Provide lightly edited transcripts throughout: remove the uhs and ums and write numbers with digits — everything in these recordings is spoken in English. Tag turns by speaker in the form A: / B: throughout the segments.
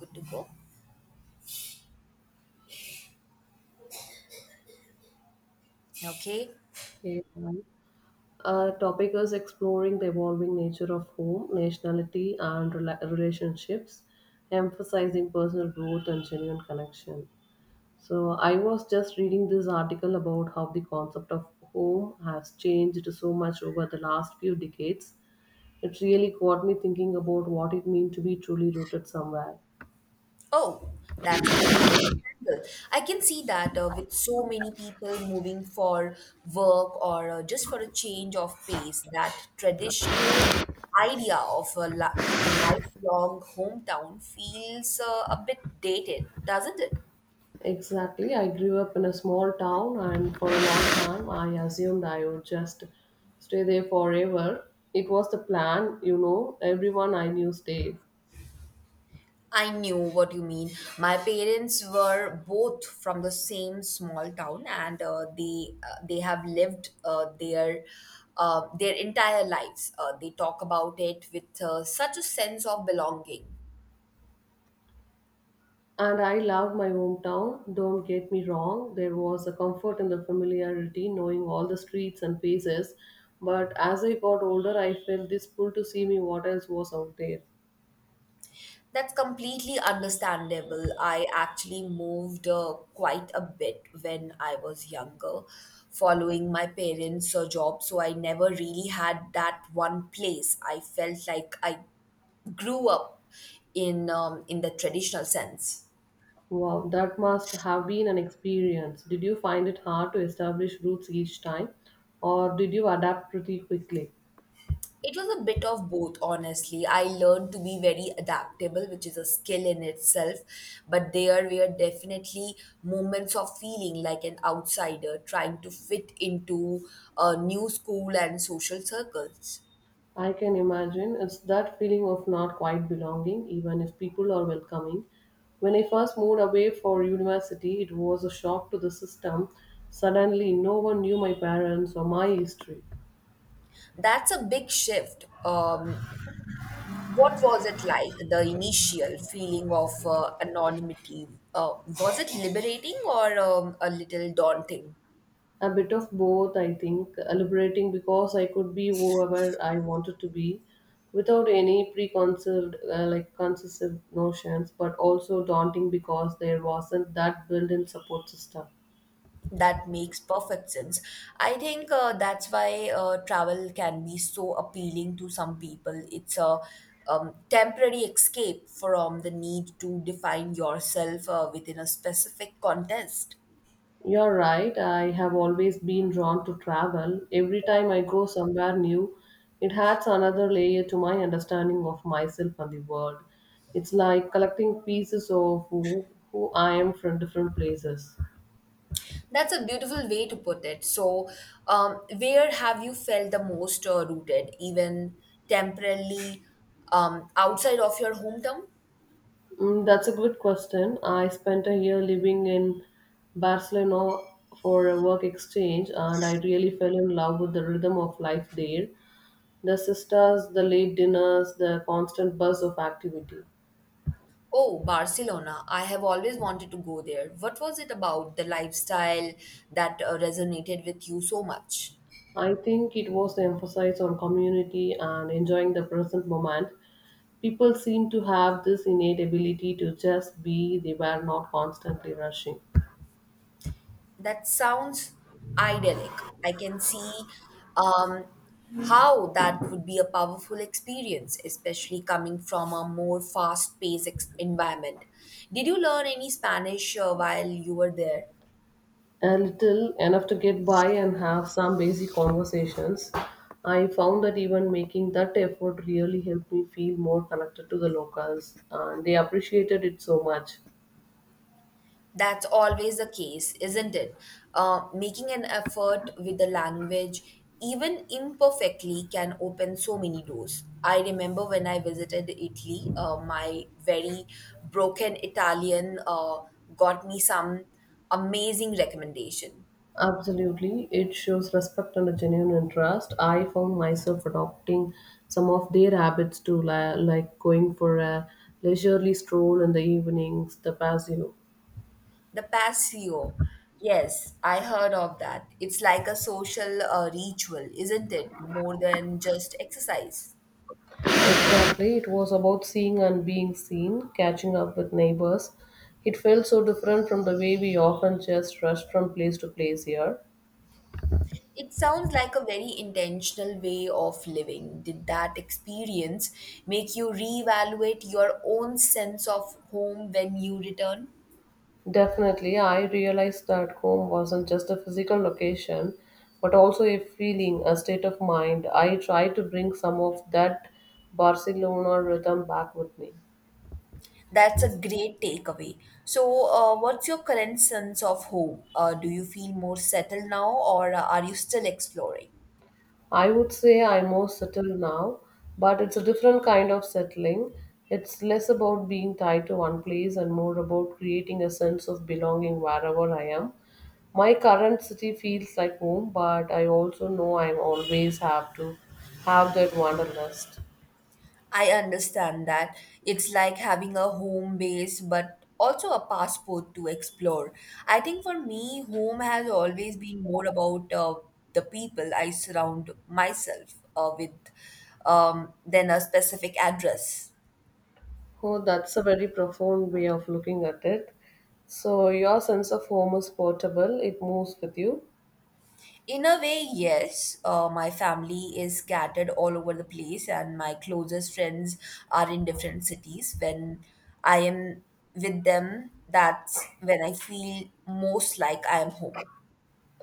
A: Good to go. Okay.
B: Okay. Our topic is exploring the evolving nature of home, nationality, and relationships, emphasizing personal growth and genuine connection. So, I was just reading this article about how the concept of home has changed so much over the last few decades. It really got me thinking about what it means to be truly rooted somewhere.
A: Oh, that's an interesting angle. I can see that with so many people moving for work or just for a change of pace, that traditional idea of a li lifelong hometown feels a bit dated, doesn't it?
B: Exactly. I grew up in a small town, and for a long time, I assumed I would just stay there forever. It was the plan, you know, everyone I knew stayed.
A: I knew what you mean. My parents were both from the same small town, and they have lived their entire lives. They talk about it with such a sense of belonging.
B: And I loved my hometown, don't get me wrong. There was a comfort in the familiarity, knowing all the streets and faces. But as I got older, I felt this pull to see me what else was out there.
A: That's completely understandable. I actually moved quite a bit when I was younger, following my parents' job, so I never really had that one place. I felt like I grew up in the traditional sense.
B: Wow, that must have been an experience. Did you find it hard to establish roots each time, or did you adapt pretty quickly?
A: It was a bit of both, honestly. I learned to be very adaptable, which is a skill in itself, but there were definitely moments of feeling like an outsider trying to fit into a new school and social circles.
B: I can imagine it's that feeling of not quite belonging, even if people are welcoming. When I first moved away for university, it was a shock to the system. Suddenly, no one knew my parents or my history.
A: That's a big shift. What was it like, the initial feeling of anonymity? Was it liberating or a little daunting?
B: A bit of both, I think. Liberating because I could be whoever I wanted to be without any preconceived like concessive notions, but also daunting because there wasn't that built-in support system.
A: That makes perfect sense. I think that's why travel can be so appealing to some people. It's a temporary escape from the need to define yourself within a specific context.
B: You're right. I have always been drawn to travel. Every time I go somewhere new, it adds another layer to my understanding of myself and the world. It's like collecting pieces of who I am from different places.
A: That's a beautiful way to put it. So, where have you felt the most rooted, even temporarily outside of your hometown?
B: Mm, that's a good question. I spent a year living in Barcelona for a work exchange, and I really fell in love with the rhythm of life there. The sisters, the late dinners, the constant buzz of activity.
A: Oh, Barcelona. I have always wanted to go there. What was it about the lifestyle that resonated with you so much?
B: I think it was the emphasis on community and enjoying the present moment. People seem to have this innate ability to just be, they were not constantly rushing.
A: That sounds idyllic. I can see um, how that would be a powerful experience, especially coming from a more fast paced environment. Did you learn any Spanish while you were there?
B: A little, enough to get by and have some basic conversations. I found that even making that effort really helped me feel more connected to the locals, and they appreciated it so much.
A: That's always the case, isn't it? Making an effort with the language, even imperfectly, can open so many doors. I remember when I visited Italy, my very broken Italian got me some amazing recommendation.
B: Absolutely, it shows respect and a genuine interest. I found myself adopting some of their habits too, like going for a leisurely stroll in the evenings, the patio.
A: The Paseo. Yes, I heard of that. It's like a social ritual, isn't it? More than just exercise.
B: Exactly. It was about seeing and being seen, catching up with neighbors. It felt so different from the way we often just rush from place to place here.
A: It sounds like a very intentional way of living. Did that experience make you reevaluate your own sense of home when you return?
B: Definitely, I realized that home wasn't just a physical location, but also a feeling, a state of mind. I try to bring some of that Barcelona rhythm back with me.
A: That's a great takeaway. So, what's your current sense of home? Do you feel more settled now, or are you still exploring?
B: I would say I'm more settled now, but it's a different kind of settling. It's less about being tied to one place and more about creating a sense of belonging wherever I am. My current city feels like home, but I also know I always have to have that wanderlust.
A: I understand that. It's like having a home base, but also a passport to explore. I think for me, home has always been more about the people I surround myself with than a specific address.
B: Oh, that's a very profound way of looking at it. So, your sense of home is portable, it moves with you.
A: In a way, yes, my family is scattered all over the place, and my closest friends are in different cities. When I am with them, that's when I feel most like I am home.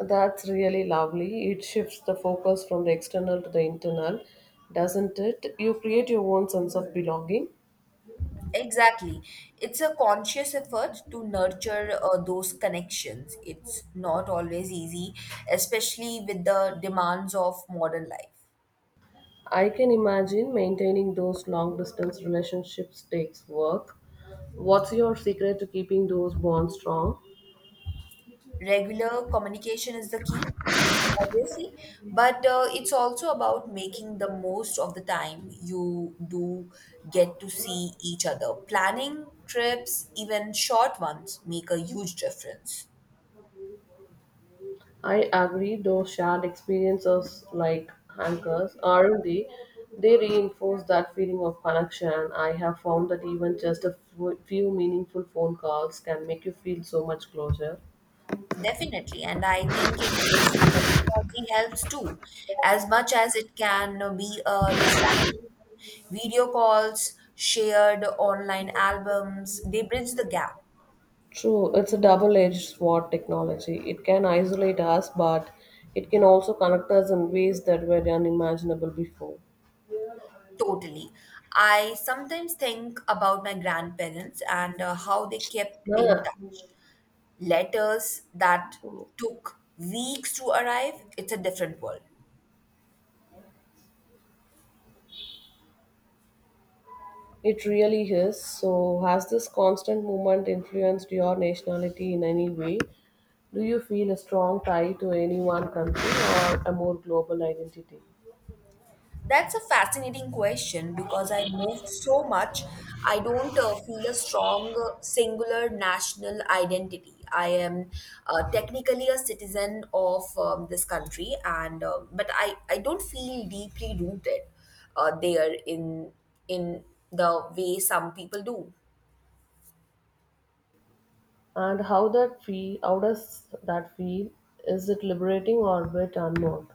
B: That's really lovely. It shifts the focus from the external to the internal, doesn't it? You create your own sense of belonging.
A: Exactly. It's a conscious effort to nurture those connections. It's not always easy, especially with the demands of modern life.
B: I can imagine maintaining those long distance relationships takes work. What's your secret to keeping those bonds strong?
A: Regular communication is the key, obviously, but it's also about making the most of the time you do get to see each other. Planning trips, even short ones, make a huge difference.
B: I agree, those shared experiences, like anchors, aren't they? They reinforce that feeling of connection. I have found that even just a few meaningful phone calls can make you feel so much closer.
A: Definitely, and I think embracing technology helps too, as much as it can be a distraction. Video calls, shared online albums, they bridge the gap
B: True, it's a double edged sword, technology. It can isolate us, but it can also connect us in ways that were unimaginable before.
A: totally. I sometimes think about my grandparents and how they kept in
B: Yeah,
A: touch. Letters that took weeks to arrive, it's a different world.
B: it really is. So, has this constant movement influenced your nationality in any way? Do you feel a strong tie to any one country or a more global identity?
A: That's a fascinating question because I moved so much. I don't feel a strong singular national identity. I am technically a citizen of this country, and I don't feel deeply rooted there in the way some people do.
B: And how that feel? How does that feel? Is it liberating or a bit unknown?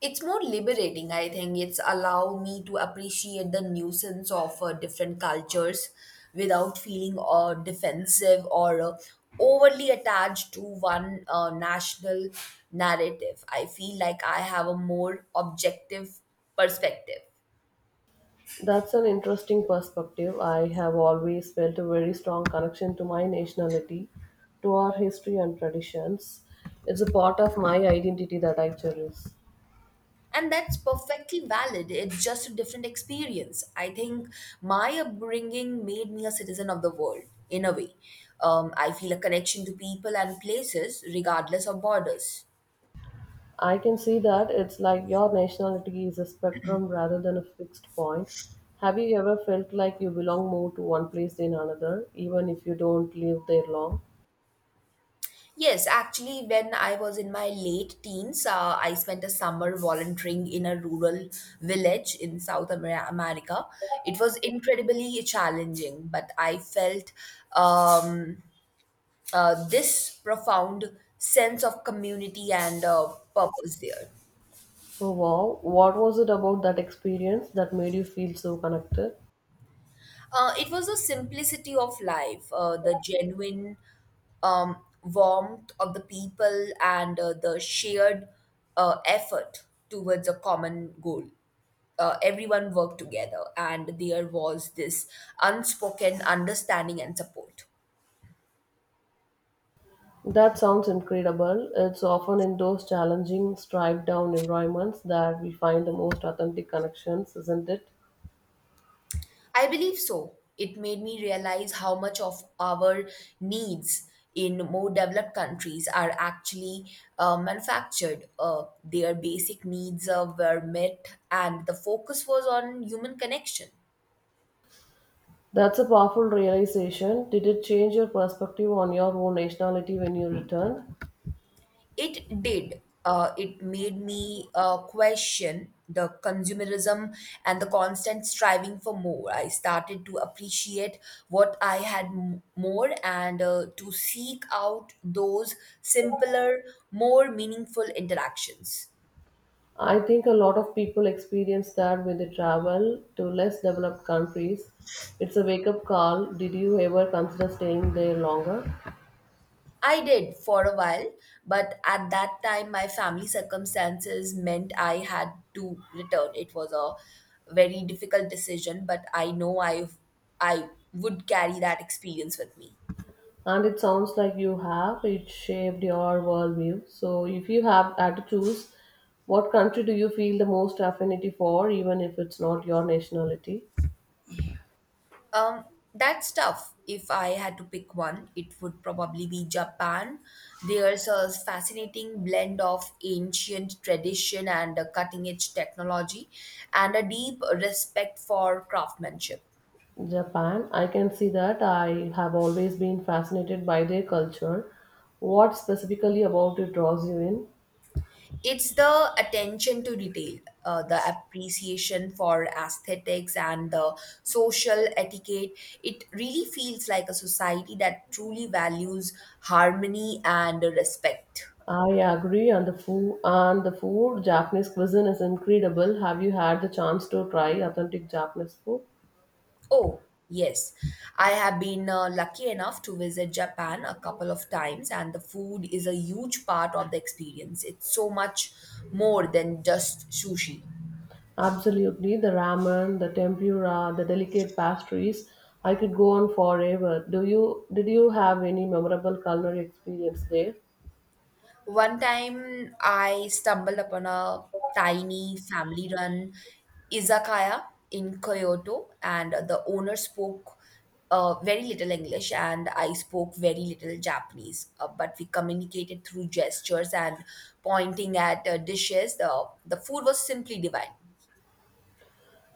A: It's more liberating, I think. It's allow me to appreciate the nuisance of different cultures without feeling defensive or overly attached to one national narrative. I feel like I have a more objective perspective.
B: That's an interesting perspective. I have always felt a very strong connection to my nationality, to our history and traditions. It's a part of my identity that I cherish.
A: And that's perfectly valid. It's just a different experience. I think my upbringing made me a citizen of the world in a way. I feel a connection to people and places regardless of borders.
B: I can see that. It's like your nationality is a spectrum rather than a fixed point. Have you ever felt like you belong more to one place than another, even if you don't live there long?
A: Yes, actually, when I was in my late teens, I spent a summer volunteering in a rural village in America. It was incredibly challenging, but I felt um, this profound sense of community and purpose there.
B: Oh, wow, what was it about that experience that made you feel so connected?
A: It was the simplicity of life, the genuine um, warmth of the people, and the shared effort towards a common goal. Everyone worked together, and there was this unspoken understanding and support.
B: That sounds incredible. It's often in those challenging, stripped down environments that we find the most authentic connections, isn't it?
A: I believe so. It made me realize how much of our needs in more developed countries are actually manufactured. Their basic needs were met, and the focus was on human connection.
B: That's a powerful realization. Did it change your perspective on your own nationality when you returned?
A: It did. It made me question the consumerism and the constant striving for more. I started to appreciate what I had more and to seek out those simpler, more meaningful interactions.
B: I think a lot of people experience that when they travel to less developed countries. It's a wake up call. Did you ever consider staying there longer?
A: I did for a while, but at that time, my family circumstances meant I had to return. It was a very difficult decision, but I know I would carry that experience with me.
B: And it sounds like you have it shaped your worldview. So if you have had to choose, what country do you feel the most affinity for, even if it's not your nationality?
A: Um, that's tough. If I had to pick one, it would probably be Japan. There's a fascinating blend of ancient tradition and cutting edge technology, and a deep respect for craftsmanship.
B: Japan, I can see that. I have always been fascinated by their culture. What specifically about it draws you in?
A: It's the attention to detail, the appreciation for aesthetics and the social etiquette. It really feels like a society that truly values harmony and respect.
B: I agree. And the food, japanese cuisine is incredible. Have you had the chance to try authentic Japanese food?
A: Oh, yes. I have been lucky enough to visit Japan a couple of times, and the food is a huge part of the experience. It's so much more than just sushi.
B: Absolutely, the ramen, the tempura, the delicate pastries. I could go on forever. Do you did you have any memorable culinary experience there?
A: One time I stumbled upon a tiny family run izakaya in Kyoto, and the owner spoke very little English, and I spoke very little Japanese. But we communicated through gestures and pointing at dishes. The food was simply divine.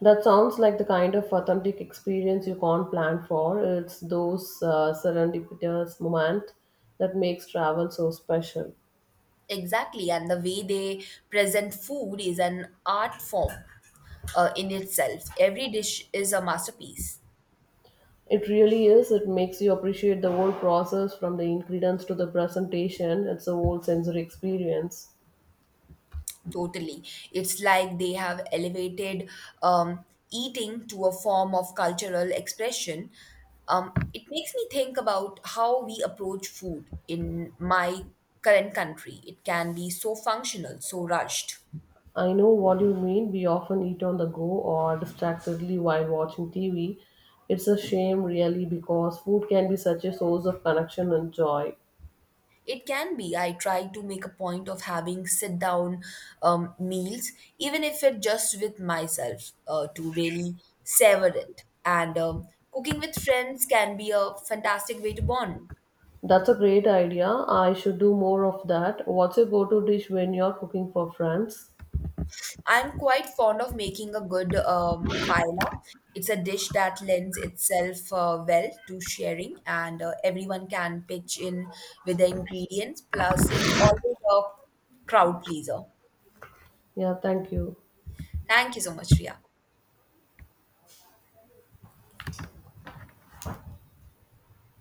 B: That sounds like the kind of authentic experience you can't plan for. It's those serendipitous moment that makes travel so special.
A: Exactly, and the way they present food is an art form in itself. Every dish is a masterpiece.
B: It really is. It makes you appreciate the whole process from the ingredients to the presentation. It's a whole sensory experience.
A: Totally. It's like they have elevated um, eating to a form of cultural expression. It makes me think about how we approach food in my current country. It can be so functional, so rushed.
B: I know what you mean. We often eat on the go or distractedly while watching TV. It's a shame, really, because food can be such a source of connection and joy.
A: It can be. I try to make a point of having sit down meals, even if it just with myself, to really savor it. And cooking with friends can be a fantastic way to bond.
B: That's a great idea. I should do more of that. What's your go to dish when you're cooking for friends?
A: I'm quite fond of making a good paella. It's a dish that lends itself well to sharing, and everyone can pitch in with the ingredients. Plus, it's always a crowd pleaser.
B: Yeah, thank you.
A: Thank you so much, Ria.